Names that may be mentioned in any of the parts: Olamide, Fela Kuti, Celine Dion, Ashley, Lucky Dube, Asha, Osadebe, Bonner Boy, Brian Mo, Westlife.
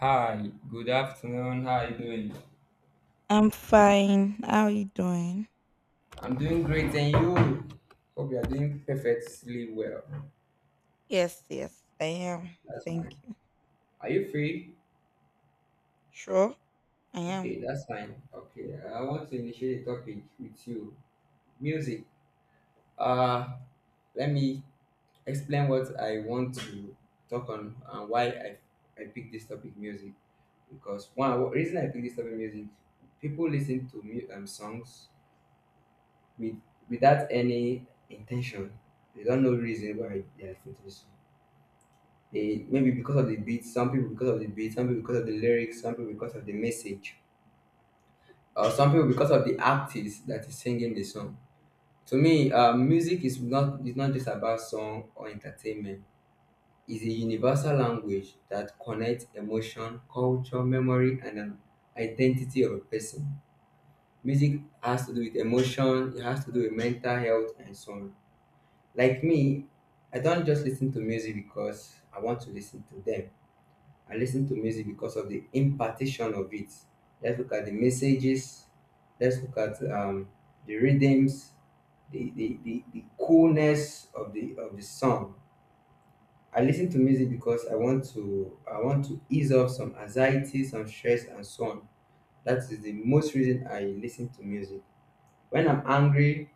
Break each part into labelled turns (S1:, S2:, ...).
S1: Hi, good afternoon. How are you doing?
S2: I'm fine. How are you doing?
S1: I'm doing great, and you? Hope you are doing perfectly well.
S2: Yes, yes, I am.
S1: That's
S2: Thank
S1: fine.
S2: you.
S1: Are you free?
S2: Sure, I am.
S1: Okay, that's fine. Okay, I want to initiate a topic with you. Music. Uh, Let me explain what I want to talk on and why I picked this topic, music. Because one the reason I picked this topic, music, people listen to songs with without any intention. They don't know reason why they are listening to this song. They maybe because of the beat, some people because of the beat, some people because of the lyrics, some people because of the message, or some people because of the artist that is singing the song. To me, music is not just about song or entertainment. It's a universal language that connects emotion, culture, memory, and an identity of a person. Music has to do with emotion, it has to do with mental health, and so on. Like me, I don't just listen to music because I want to listen to them. I listen to music because of the impartation of it. Let's look at the messages. Let's look at the rhythms, the coolness of the song. I listen to music because I want to ease off some anxiety, some stress, and so on. That is the most reason I listen to music. When I'm angry,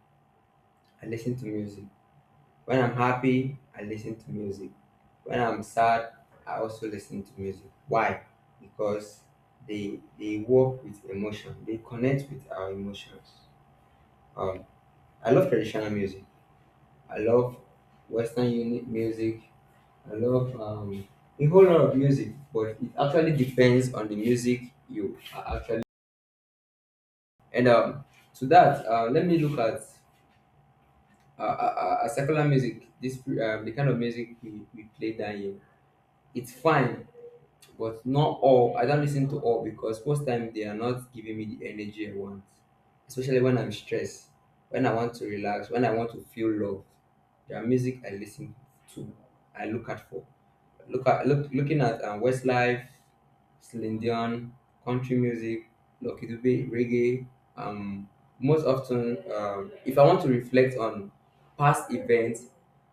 S1: I listen to music. When I'm happy, I listen to music. When I'm sad, I also listen to music. Why? Because they work with emotion. They connect with our emotions. Um, I love traditional music. I love Western unit music. I love a whole lot of music, but it actually depends on the music you are actually. And to that, let me look at secular music. This. The kind of music we play down here. It's fine but not all. I don't listen to all because most time they are not giving me the energy I want, especially when I'm stressed, when I want to relax, when I want to feel love. There are music I listen to, I look at for, looking at Westlife, Celine Dion, country music, Lucky Dube, reggae. Um, most often, if I want to reflect on past events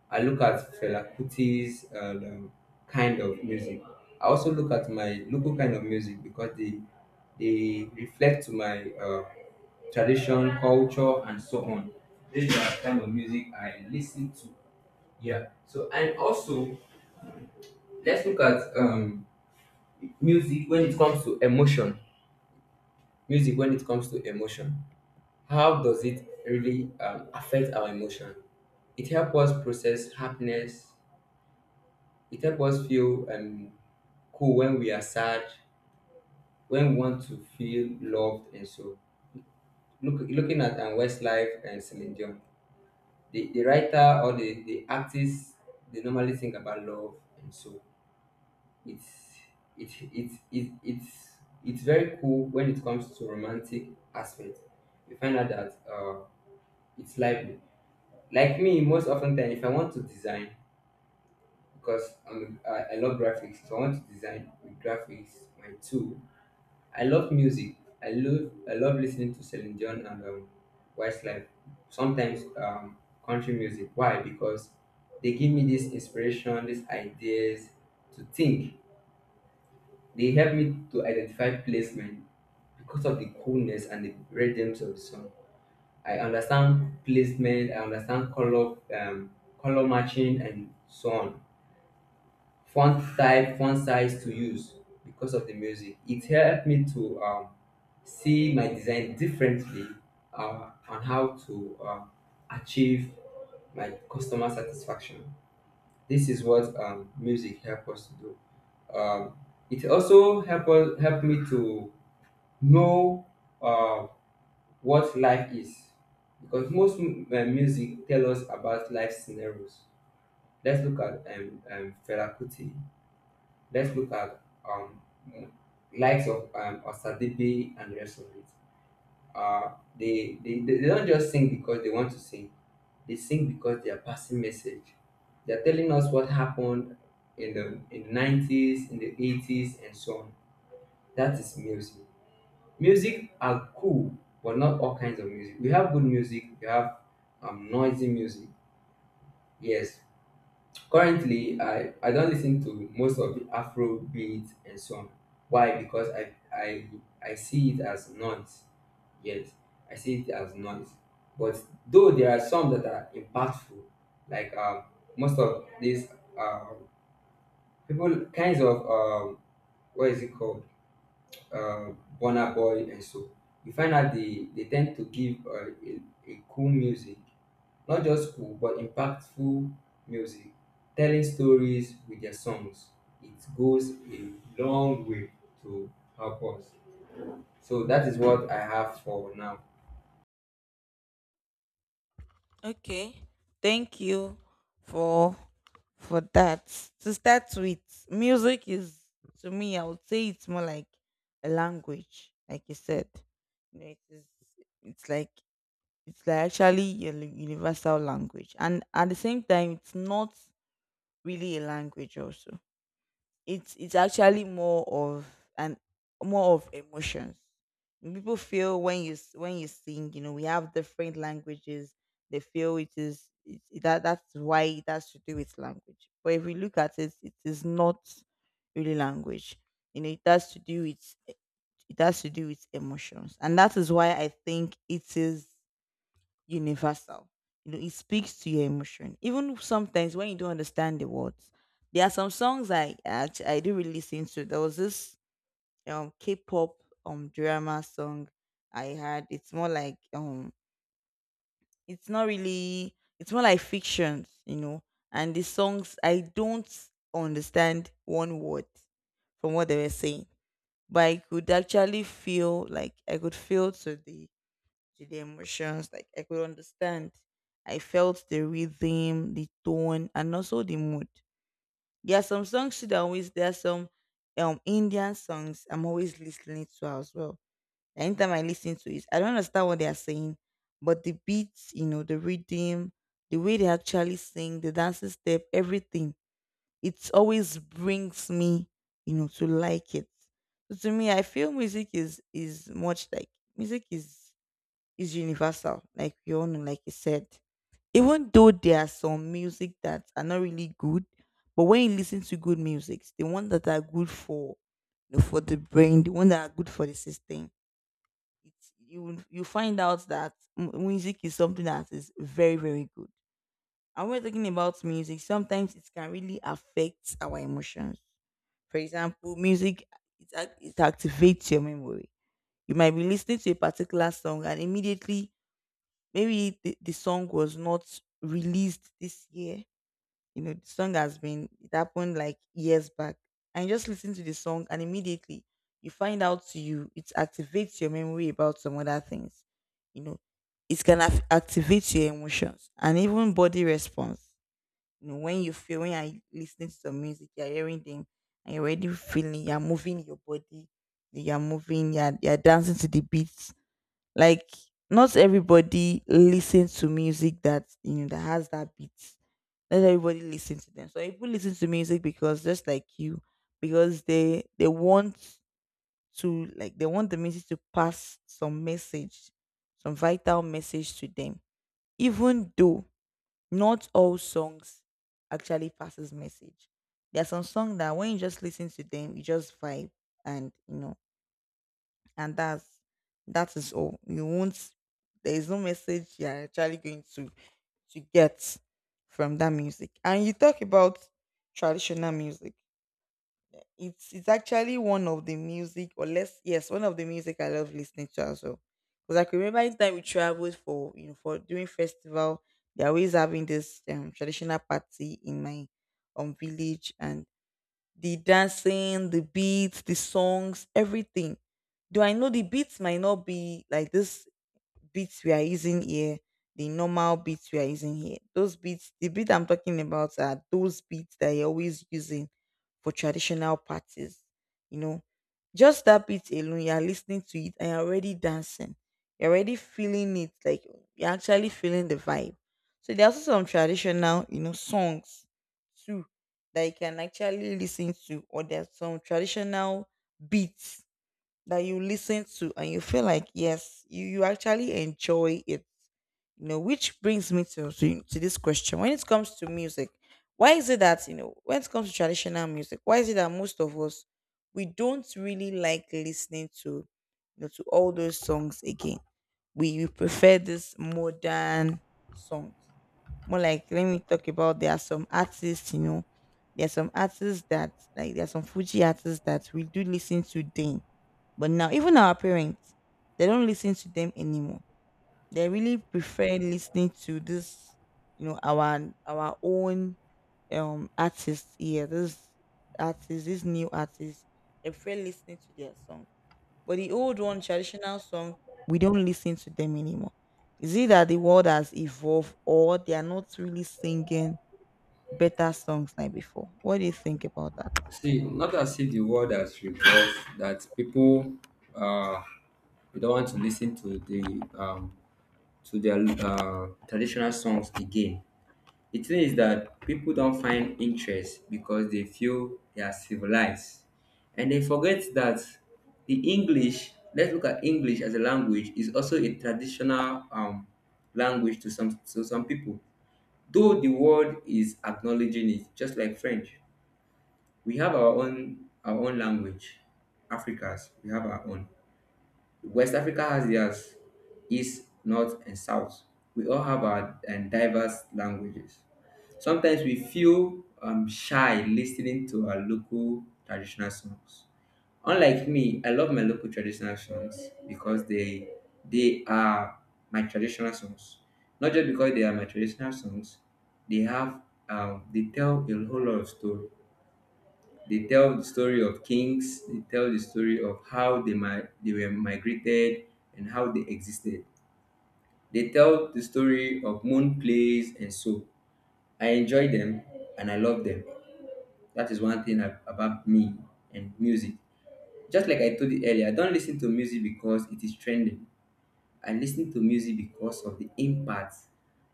S1: I look at Fela Kuti's and kind of music. I also look at my local kind of music because they reflect to my tradition, culture, and so on. These are kind of music I listen to. Yeah. So and also let's look at music when it comes to emotion. Music when it comes to emotion. How does it really affect our emotion? It helps us process happiness. It helps us feel cool when we are sad, when we want to feel loved and so. Looking at Westlife and Celine Dion, the writer or the artist, they normally think about love and so. It's it, it, it, it's very cool when it comes to romantic aspect. You find out that it's lively. Like me, most often time, if I want to design, because I love graphics, so I want to design with graphics, my tool I love music. I love listening to Celine Dion and Westlife. Sometimes country music. Why? Because they give me this inspiration, these ideas to think. They help me to identify placement because of the coolness and the rhythms of the song. I understand placement. I understand color, color matching, and so on. Font type, font size to use because of the music. It helped me to see my design differently on how to achieve my customer satisfaction. This is what music helped us to do. Um, it also helped me to know uh, what life is because most music tell us about life scenarios. Let's look at Fela Kuti. Let's look at um, likes of Osadebe and the rest of it. They don't just sing because they want to sing. They sing because they are passing message. They are telling us what happened in the in the nineties, in the 80s, and so on. That is music. Music are cool, but not all kinds of music. We have good music. We have noisy music. Yes, currently, I don't listen to most of the Afro beat and song. Why? Because I see it as noise. Yet I see it as noise. But though there are some that are impactful, like most of these uh, people kinds of what is it called uh, Bonner Boy and so you find out they tend to give a cool music not just cool, but impactful music. Telling stories with their songs, it goes a long way to help us. So that is what I have for now.
S2: Okay. Thank you for for that. To start with, music is to me, I would say it's more like a language, like you said. You know, it is it's like it's like actually your universal language. And at the same time it's not really a language also. It's actually more of an more of emotions. When people feel when when you sing, you know, we have different languages. They feel it is it, that's why it has to do with language. But if we look at it, it is not really language. You know, it has to do with emotions, and that is why I think it is universal. You know, it speaks to your emotion. Even sometimes when you don't understand the words, there are some songs I do really listen to. There was this K-pop drama song I had. It's more like it's not really, it's more like fiction, you know. And the songs I don't understand one word from what they were saying, but I could actually feel like I could feel to the emotions. Like I could understand. I felt the rhythm, the tone, and also the mood. There are some songs too that always there are some Indian songs I'm always listening to as well. Anytime I listen to it, I don't understand what they are saying, but the beats, you know, the rhythm, the way they actually sing, the dancing step, everything, it always brings me, you know, to like it. So to me, I feel music is universal, like we all know, like you said. Even though there are some music that are not really good, but when you listen to good music, the ones that are good for the brain, the ones that are good for the system, you find out that music is something that is very very good. And when we're talking about music, sometimes it can really affect our emotions. For example, music it activates your memory. You might be listening to a particular song and immediately maybe the song was not released this year. You know, the song has been, it happened like years back. And you just listen to the song and immediately you find out to you, it activates your memory about some other things. You know, it can activate your emotions and even body response. You know, when you're listening to some music, you're hearing them and you're already feeling, you're dancing to the beat like not everybody listens to music that you know that has that beat. Not everybody listens to them. So people listen to music because just like you, because they want the music to pass some message, some vital message to them. Even though not all songs actually passes message. There are some songs that when you just listen to them, you just vibe and you know and that is all you won't there is no message you're actually going to get from that music. And you talk about traditional music, it's actually one of the music or less, yes, one of the music I love listening to as well, because I can remember in time we traveled for, you know, for doing festival, they're always having this traditional party in my village, and the dancing, the beats, the songs, everything. Do I know the beats might not be like this beats we are using here, the normal beats we are using here. Those beats, the beat I'm talking about are those beats that you're always using for traditional parties. You know, just that beat alone, you're listening to it and you're already dancing. You're already feeling it, like you're actually feeling the vibe. So there are also some traditional, you know, songs too that you can actually listen to, or there's some traditional beats that you listen to and you feel like yes, you actually enjoy it. You know, which brings me to this question: when it comes to music, why is it that, you know, when it comes to traditional music, why is it that most of us we don't really like listening to, you know, to all those songs again? We prefer this modern songs. More like, let me talk about, there are some artists, you know, there are some artists that like there are some fuji artists that we do listen to then, but now, even our parents, they don't listen to them anymore. They really prefer listening to this, you know, our own artists here. This artists, these new artists, they prefer listening to their song. But the old one, traditional song, we don't listen to them anymore. Is it that the world has evolved, or they are not really singing better songs like before? What do you think about that?
S1: See, not as if the world has revolved, that people uh, they don't want to listen to the to their traditional songs again. It means that people don't find interest because they feel they are civilized. And they forget that the English, let's look at English as a language, is also a traditional language to some people. Though the world is acknowledging it, just like French. We have our own language. Africans, we have our own. West Africa has theirs. East, north, and south. We all have our diverse languages. Sometimes we feel shy listening to our local traditional songs. Unlike me, I love my local traditional songs because they are my traditional songs. Not just because they are my traditional songs, they have they tell a whole lot of story. They tell the story of kings. They tell the story of how they were migrated and how they existed. They tell the story of moon plays and so. I enjoy them and I love them. That is one thing about me and music. Just like I told you earlier, I don't listen to music because it is trending. I listen to music because of the impact,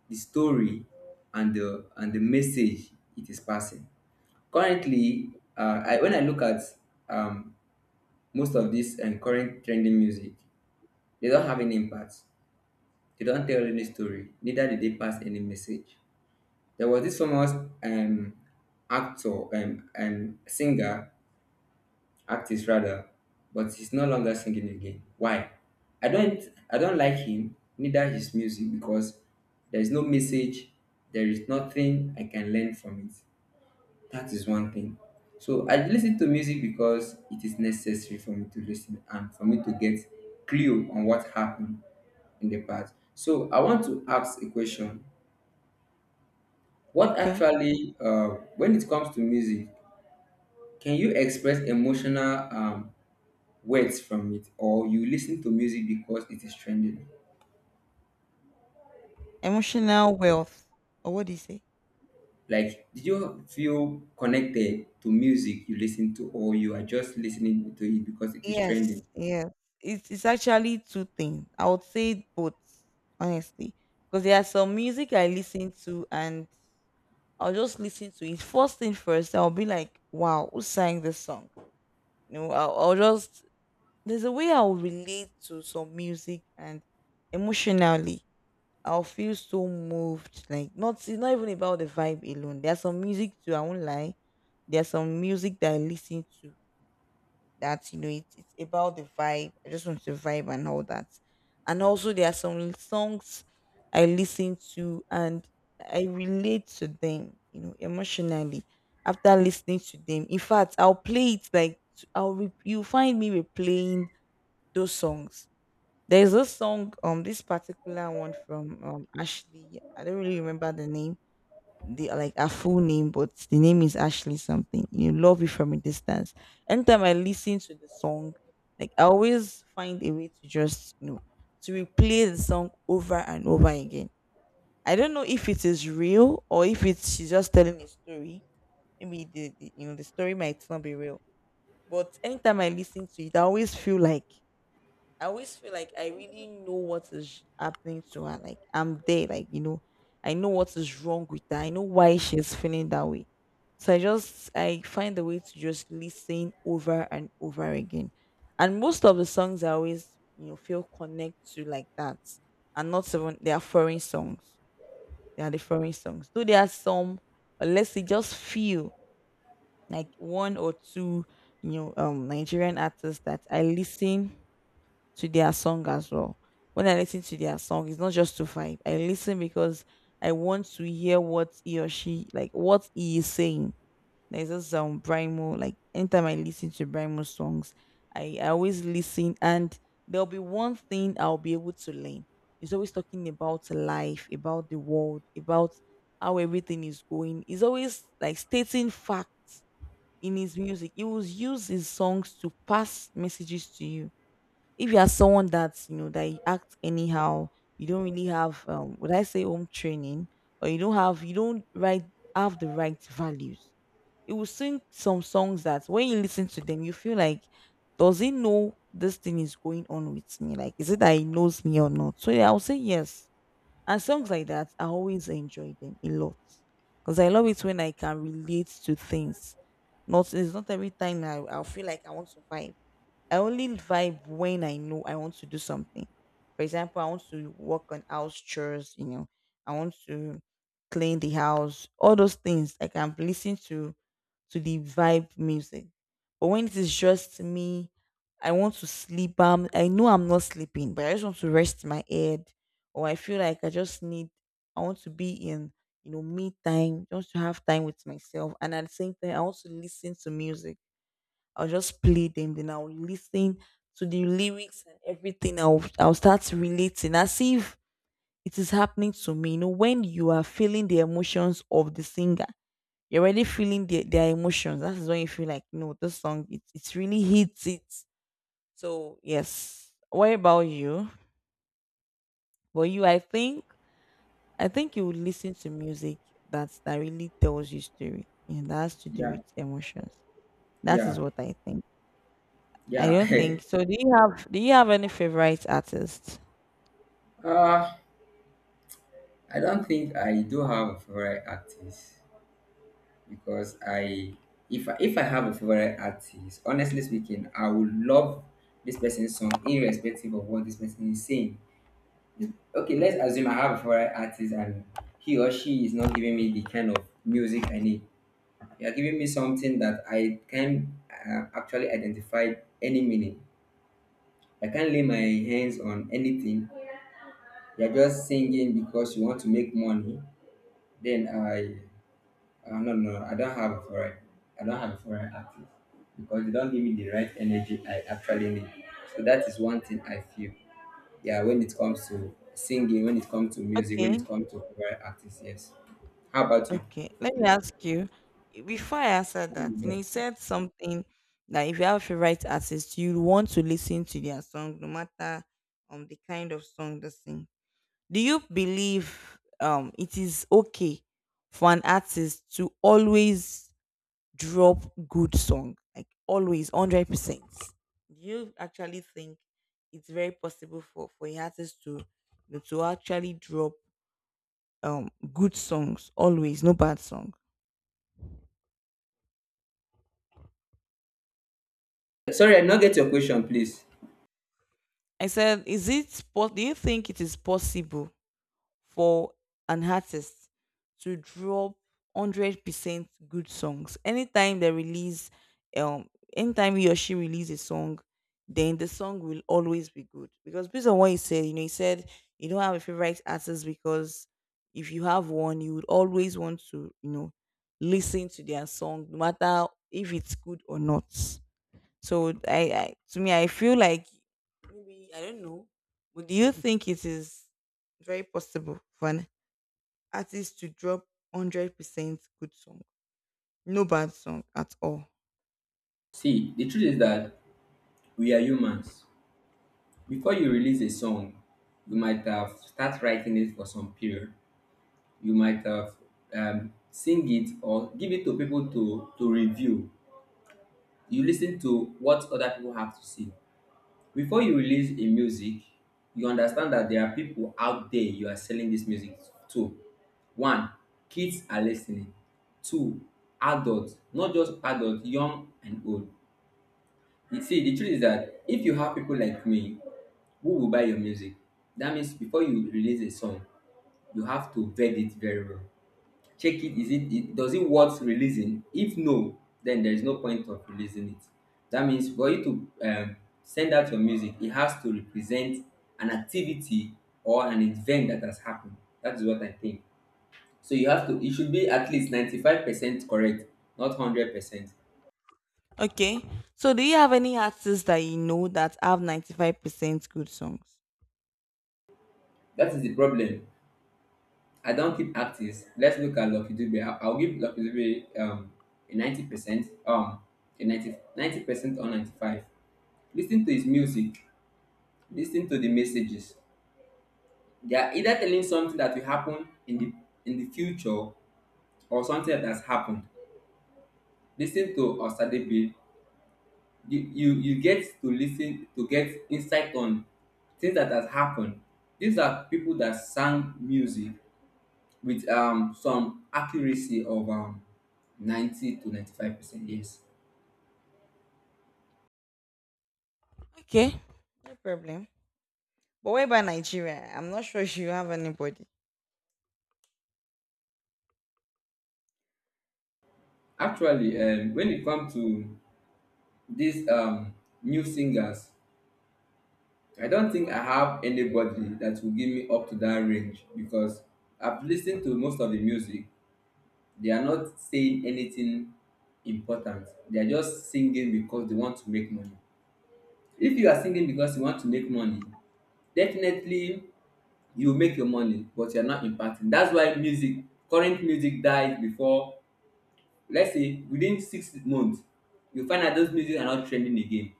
S1: the story, and the message it is passing currently. When I look at um, most of this and current trending music, they don't have any impact. They don't tell any story. Neither did they pass any message. There was this famous um, actor, singer, artist rather, but he's no longer singing again. Why? I don't, I don't like him. Neither his music because there is no message. There is nothing I can learn from it. That is one thing. So I listen to music because it is necessary for me to listen and for me to get clue on what happened in the past. So I want to ask a question. What
S2: Okay,
S1: actually, when it comes to music, can you express emotional words from it, or you listen to music because it is trending?
S2: emotional wealth, or what do you say?
S1: Like, did you feel connected to music you listen to, or you are just listening to it because it is
S2: Yes,
S1: trending?
S2: yes. It's actually two things. I would say both, honestly, because there are some music I listen to and I'll just listen to it first thing first. I'll be like, "Wow, who sang this song?" You know, I'll just there's a way I'll relate to some music and emotionally I'll feel so moved. Like, not it's not even about the vibe alone. There's some music too. I won't lie. There's some music that I listen to that you know it's about the vibe. I just want to vibe and all that. And also there are some songs I listen to and I relate to them, you know, emotionally after listening to them. In fact, I'll play it like you find me replaying those songs. There's a song, this particular one from Ashley. I don't really remember the name the like her full name, but the name is Ashley something. You love it from a distance. Anytime I listen to the song, like I always find a way to just, you know, to replay the song over and over again. I don't know if it is real or if it's she's just telling a story. Maybe the you know the story might not be real, but anytime I listen to it, I always feel like I really know what is happening to her. Like I'm there, like, you know, I know what is wrong with her. I know why she's feeling that way. So I just I find a way to just listen over and over again. And most of the songs I always, you know, feel connect to like that. And not even they are foreign songs. They are the foreign songs. Though there are some, or let's say just few, like one or two, you know, Nigerian artists that I listen to their song as well. When I listen to their song, it's not just to vibe. I listen because I want to hear what he or she like what he is saying. There's this Brian Mo, like anytime I listen to Brian Mo's songs, I always listen and there'll be one thing I'll be able to learn. He's always talking about life, about the world, about how everything is going. He's always like stating facts in his music. He will use his songs to pass messages to you if you are someone that you know that you act anyhow, you don't really have would I say home training, or you don't have you don't right have the right values. It will sing some songs that when you listen to them, you feel like, does he know this thing is going on with me? Like, is it that he knows me or not? So yeah, I'll say yes. And songs like that, I always enjoy them a lot. Because I love it when I can relate to things. Not it's not every time I'll feel like I want to vibe. I only vibe when I know I want to do something. For example, I want to work on house chores, you know, I want to clean the house, all those things. I can listen to the vibe music. But when it is just me, I want to sleep. I know I'm not sleeping, but I just want to rest my head, or I feel like I just need. I want to be in, you know, me time, just to have time with myself, and at the same time, I want to listen to music. I'll just play them, then I'll listen to the lyrics and everything. I'll start relating as if it is happening to me. You know, when you are feeling the emotions of the singer, you're already feeling their emotions. That is when you feel like, no, this song it really hits it. So yes. What about you? But you I think you would listen to music that really tells you story. And that has to do
S1: Yeah,
S2: with emotions. That is
S1: yeah,
S2: what I think. I
S1: yeah.
S2: don't think so. Do you have any favorite artists?
S1: Uh, I don't think I do have a favorite artist because if I have a favorite artist, honestly speaking, I would love this person's song irrespective of what this person is saying. Okay, let's assume I have a favorite artist and he or she is not giving me the kind of music I need. You are giving me something that I can actually identify any meaning. I can't lay my hands on anything. You're just singing because you want to make money. Then I No, no, I don't have a foreign. I don't have a foreign artist because they don't give me the right energy I actually need. So that is one thing I feel. Yeah, when it comes to singing, when it comes to music, when it
S2: Okay,
S1: comes to foreign artists, yes. How about you?
S2: okay. Let me ask you. Before I answer that, and he said something that if you have a favorite artist, you want to listen to their song, no matter the kind of song they sing. Do you believe it is okay for an artist to always drop good song like always 100%? Do you actually think it's very possible for a artist to actually drop good songs always, no bad song?
S1: Sorry, I did not get your question, please.
S2: I said, do you think it is possible for an artist to drop 100% good songs? Anytime they release, um, anytime he or she releases a song, then the song will always be good. Because based on what he said, he said you don't have a favorite artist because if you have one, you would always want to, listen to their song, no matter if it's good or not. So I to me I feel like maybe I don't know. But do you think it is very possible for an artist to drop 100% good song? No bad song at all.
S1: See, the truth is that we are humans. Before you release a song, you might have start writing it for some period. You might have sing it or give it to people to review. You lis ten to what other people have to say before you release a music. You understand that there are people out there you are selling this music to. One, kids are listening. Two, adults, not just adults, young and old. You see, the truth is that if you have people like me who will buy your music, that means before you release a song you have to vet it very well. Check, it is it does it worth releasing? If no, then there is no point of releasing it. That means for you to send out your music, it has to represent an activity or an event that has happened. That is what I think. So you have to it should be at least 95% correct, not 100%.
S2: Okay. So do you have any artists that you know that have 95% good songs?
S1: That is the problem. I don't keep artists. Let's look at Lucky Dube. I'll give Lucky Dube a 90%, a 90% or 95. Listen to his music. Listen to the messages. They are either telling something that will happen in the future or something that has happened. Listen to Osadebe. You get to listen to get insight on things that has happened. These are people that sang music with some accuracy of 90 to 95%, yes.
S2: Okay, no problem. But what about Nigeria? I'm not sure if you have anybody.
S1: Actually, when it comes to these new singers, I don't think I have anybody that will give me up to that range because I've listened to most of the music. They are not saying anything important. They are just singing because they want to make money. If you are singing because you want to make money, definitely you make your money, but you are not impacting. That's why music, current music dies before, let's say within 6 months, you find that those music are not trending again.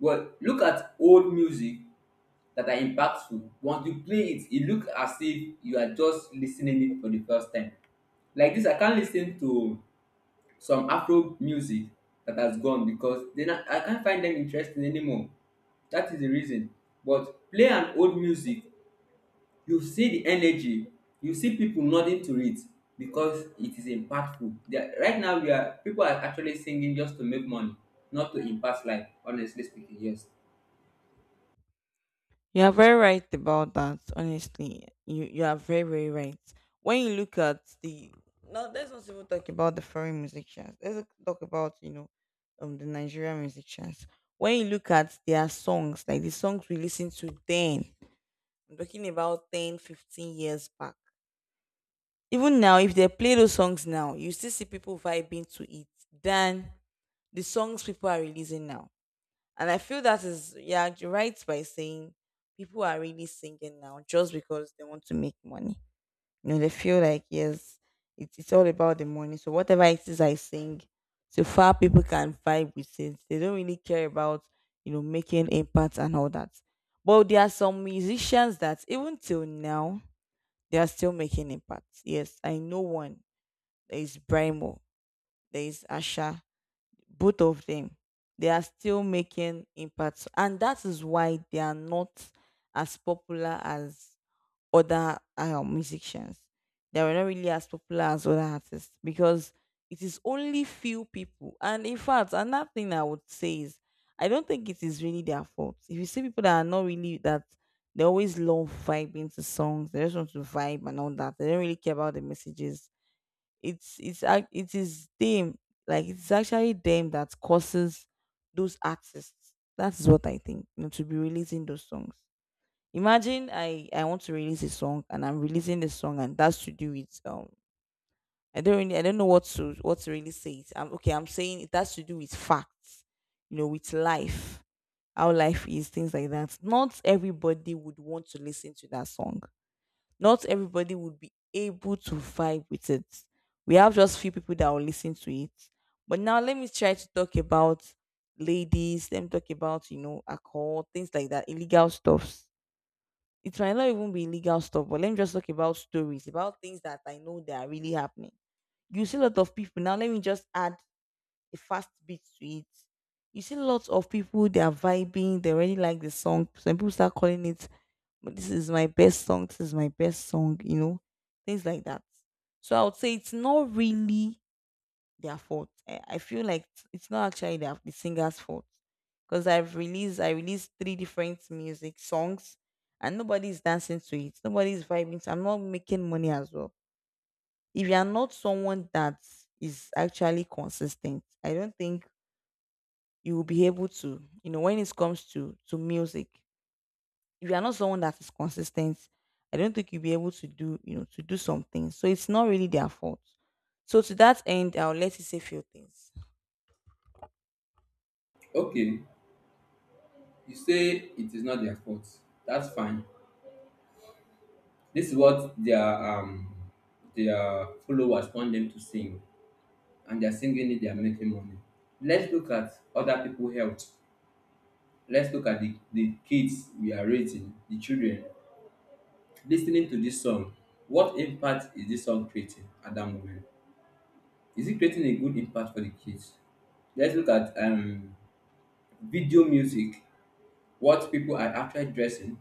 S1: But look at old music that are impactful. Once you play it, it looks as if you are just listening it for the first time. Like this, I can't listen to some Afro music that has gone because then I can't find them interesting anymore. That is the reason. But play an old music, you see the energy, you see people nodding to it because it is impactful. They are, right now, we are people are actually singing just to make money, not to impact life. Honestly speaking, yes.
S2: You are very right about that. Honestly, you are very very right. When you look at the, no, let's not even talk about the foreign musicians. Let's talk about, the Nigerian musicians. When you look at their songs, like the songs we listen to then, I'm talking about 10, 15 years back. Even now, if they play those songs now, you still see people vibing to it than the songs people are releasing now. And I feel that is, yeah, you're right by saying people are really singing now just because they want to make money. You know, they feel like, yes, it's all about the money. So whatever it is I sing, so far people can vibe with it. They don't really care about, making impact and all that. But there are some musicians that even till now, they are still making impact. Yes, I know one. There is Brimo. There is Asha, both of them, they are still making impacts, and that is why they are not as popular as other musicians. They are not really as popular as other artists because it is only few people. And in fact, another thing I would say is, I don't think it is really their fault. If you see people that are not really that, they always love vibing to songs, they just want to vibe and all that, they don't really care about the messages. It is them. Like, it's actually them that causes those artists, that's what I think, to be releasing those songs. Imagine I want to release a song, and I'm releasing the song, and that's to do with I don't really, I don't know what to really say it. I'm, okay, I'm saying it has to do with facts, you know, with life, how life is, things like that. Not everybody would want to listen to that song, not everybody would be able to vibe with it. We have just few people that will listen to it. But now, let me try to talk about ladies, let me talk about, alcohol, things like that, illegal stuffs. It might not even be illegal stuff, but let me just talk about stories, about things that I know that are really happening. You see a lot of people now. Let me just add a fast beat to it. You see lots of people, they are vibing, they already like the song. Some people start calling it, but this is my best song, this is my best song, you know, things like that. So I would say it's not really their fault. I feel like it's not actually the singer's fault, because I released three different music songs, and nobody's dancing to it, nobody's vibing to, I'm not making money as well. If you are not someone that is actually consistent, I don't think you will be able to, when it comes to music. If you are not someone that is consistent, I don't think you'll be able to do, to do something. So it's not really their fault. So to that end, I'll let you say few things.
S1: Okay, you say it is not their fault. That's fine. This is what their followers want them to sing and they are singing it, they are making money. Let's look at other people health. Let's look at the kids we are raising, the children. Listening to this song, what impact is this song creating at that moment? Is it creating a good impact for the kids? Let's look at video music, what people are actually dressing,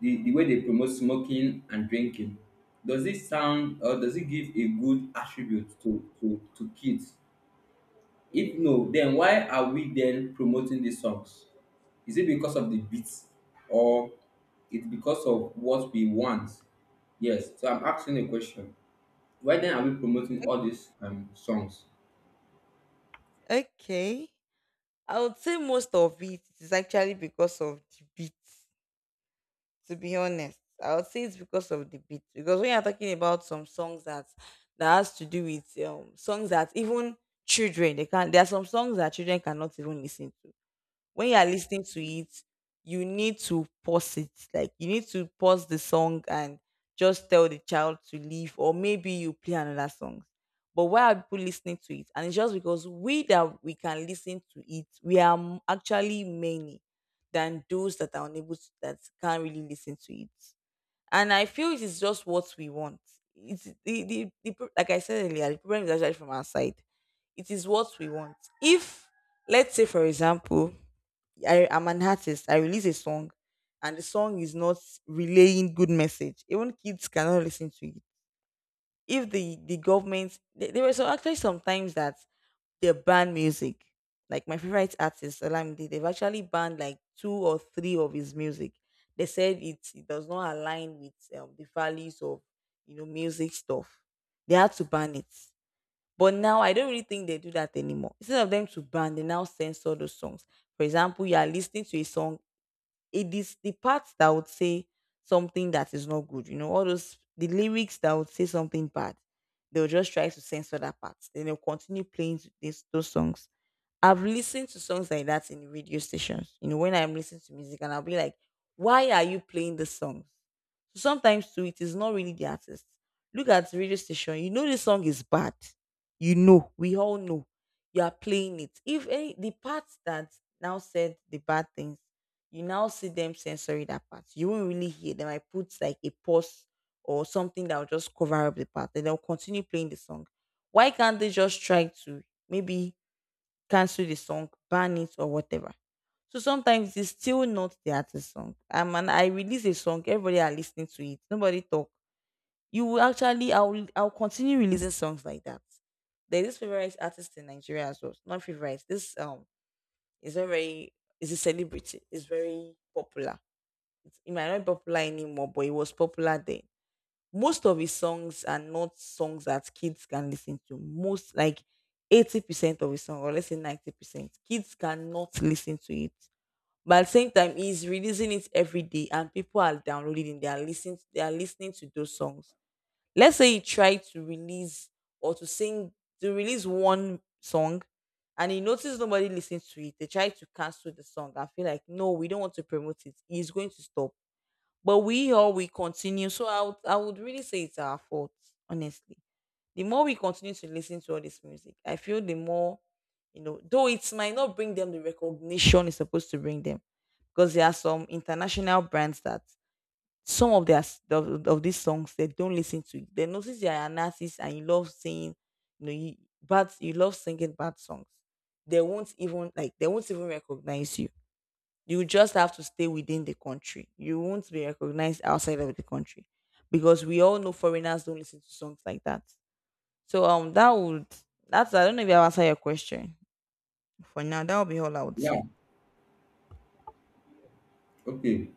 S1: the way they promote smoking and drinking, does it sound or does it give a good attribute to kids? If no, then why are we then promoting these songs? Is it because of the beats or it's because of what we want? Yes. So I'm asking a question: why then are we promoting all these songs?
S2: Okay. I would say most of it is actually because of the beat, to be honest. I would say it's because of the beat. Because when you're talking about some songs that has to do with songs that even children they can there are some songs that children cannot even listen to. When you are listening to it, you need to pause it. Like, you need to pause the song and just tell the child to leave, or maybe you play another song. But why are people listening to it? And it's just because we that we can listen to it, we are actually many than those that are unable to, that can't really listen to it. And I feel it is just what we want. It's like I said earlier, the problem is actually from our side. It is what we want. If, let's say for example, I am an artist. I release a song, and the song is not relaying good message. Even kids cannot listen to it. If the government, there were so actually sometimes that they ban music. Like my favorite artist, Olamide, they've actually banned like two or three of his music. They said it, it does not align with the values of, you know, music stuff. They had to ban it. But now I don't really think they do that anymore. Instead of them to ban, they now censor those songs. For example, you are listening to a song, it is the parts that would say something that is not good. You know, all those, the lyrics that would say something bad, they'll just try to censor that part. Then they'll continue playing to this, those songs. I've listened to songs like that in radio stations. You know, when I'm listening to music, and I'll be like, "Why are you playing this song?" So sometimes too, it is not really the artist. Look at the radio station. You know this song is bad. You know, we all know. You are playing it. If any, the part that now said the bad things, you now see them sensory that part. You won't really hear them. I put like a pause or something that will just cover up the part, and they'll continue playing the song. Why can't they just try to maybe cancel the song, ban it, or whatever? So sometimes it's still not the artist's song. And I release a song, everybody are listening to it, nobody talk. You will actually, I'll continue releasing songs like that. There's this favorite artist in Nigeria as well. Not favorite. This is a very, is a celebrity. It's very popular. It might not be popular anymore, but it was popular then. Most of his songs are not songs that kids can listen to. Most like 80% of his song, or let's say 90%, kids cannot listen to it. But at the same time, he's releasing it every day, and people are downloading, they are listening to those songs. Let's say he tried to release or to sing to release one song, and he noticed nobody listens to it. They tried to cancel the song. I feel like, no, we don't want to promote it. He's going to stop. But we all, we continue. So I would, really say it's our fault, honestly. The more we continue to listen to all this music, I feel the more, you know, though it might not bring them the recognition it's supposed to bring them. Because there are some international brands that some of their s- of these songs they don't listen to. They notice they are an artist and you love singing, you know, you love singing bad songs. They won't even like, they won't even recognize you. You just have to stay within the country. You won't be recognized outside of the country, because we all know foreigners don't listen to songs like that. So that's I don't know if I answered your question for now. That would be all I would say.
S1: Yeah. Okay.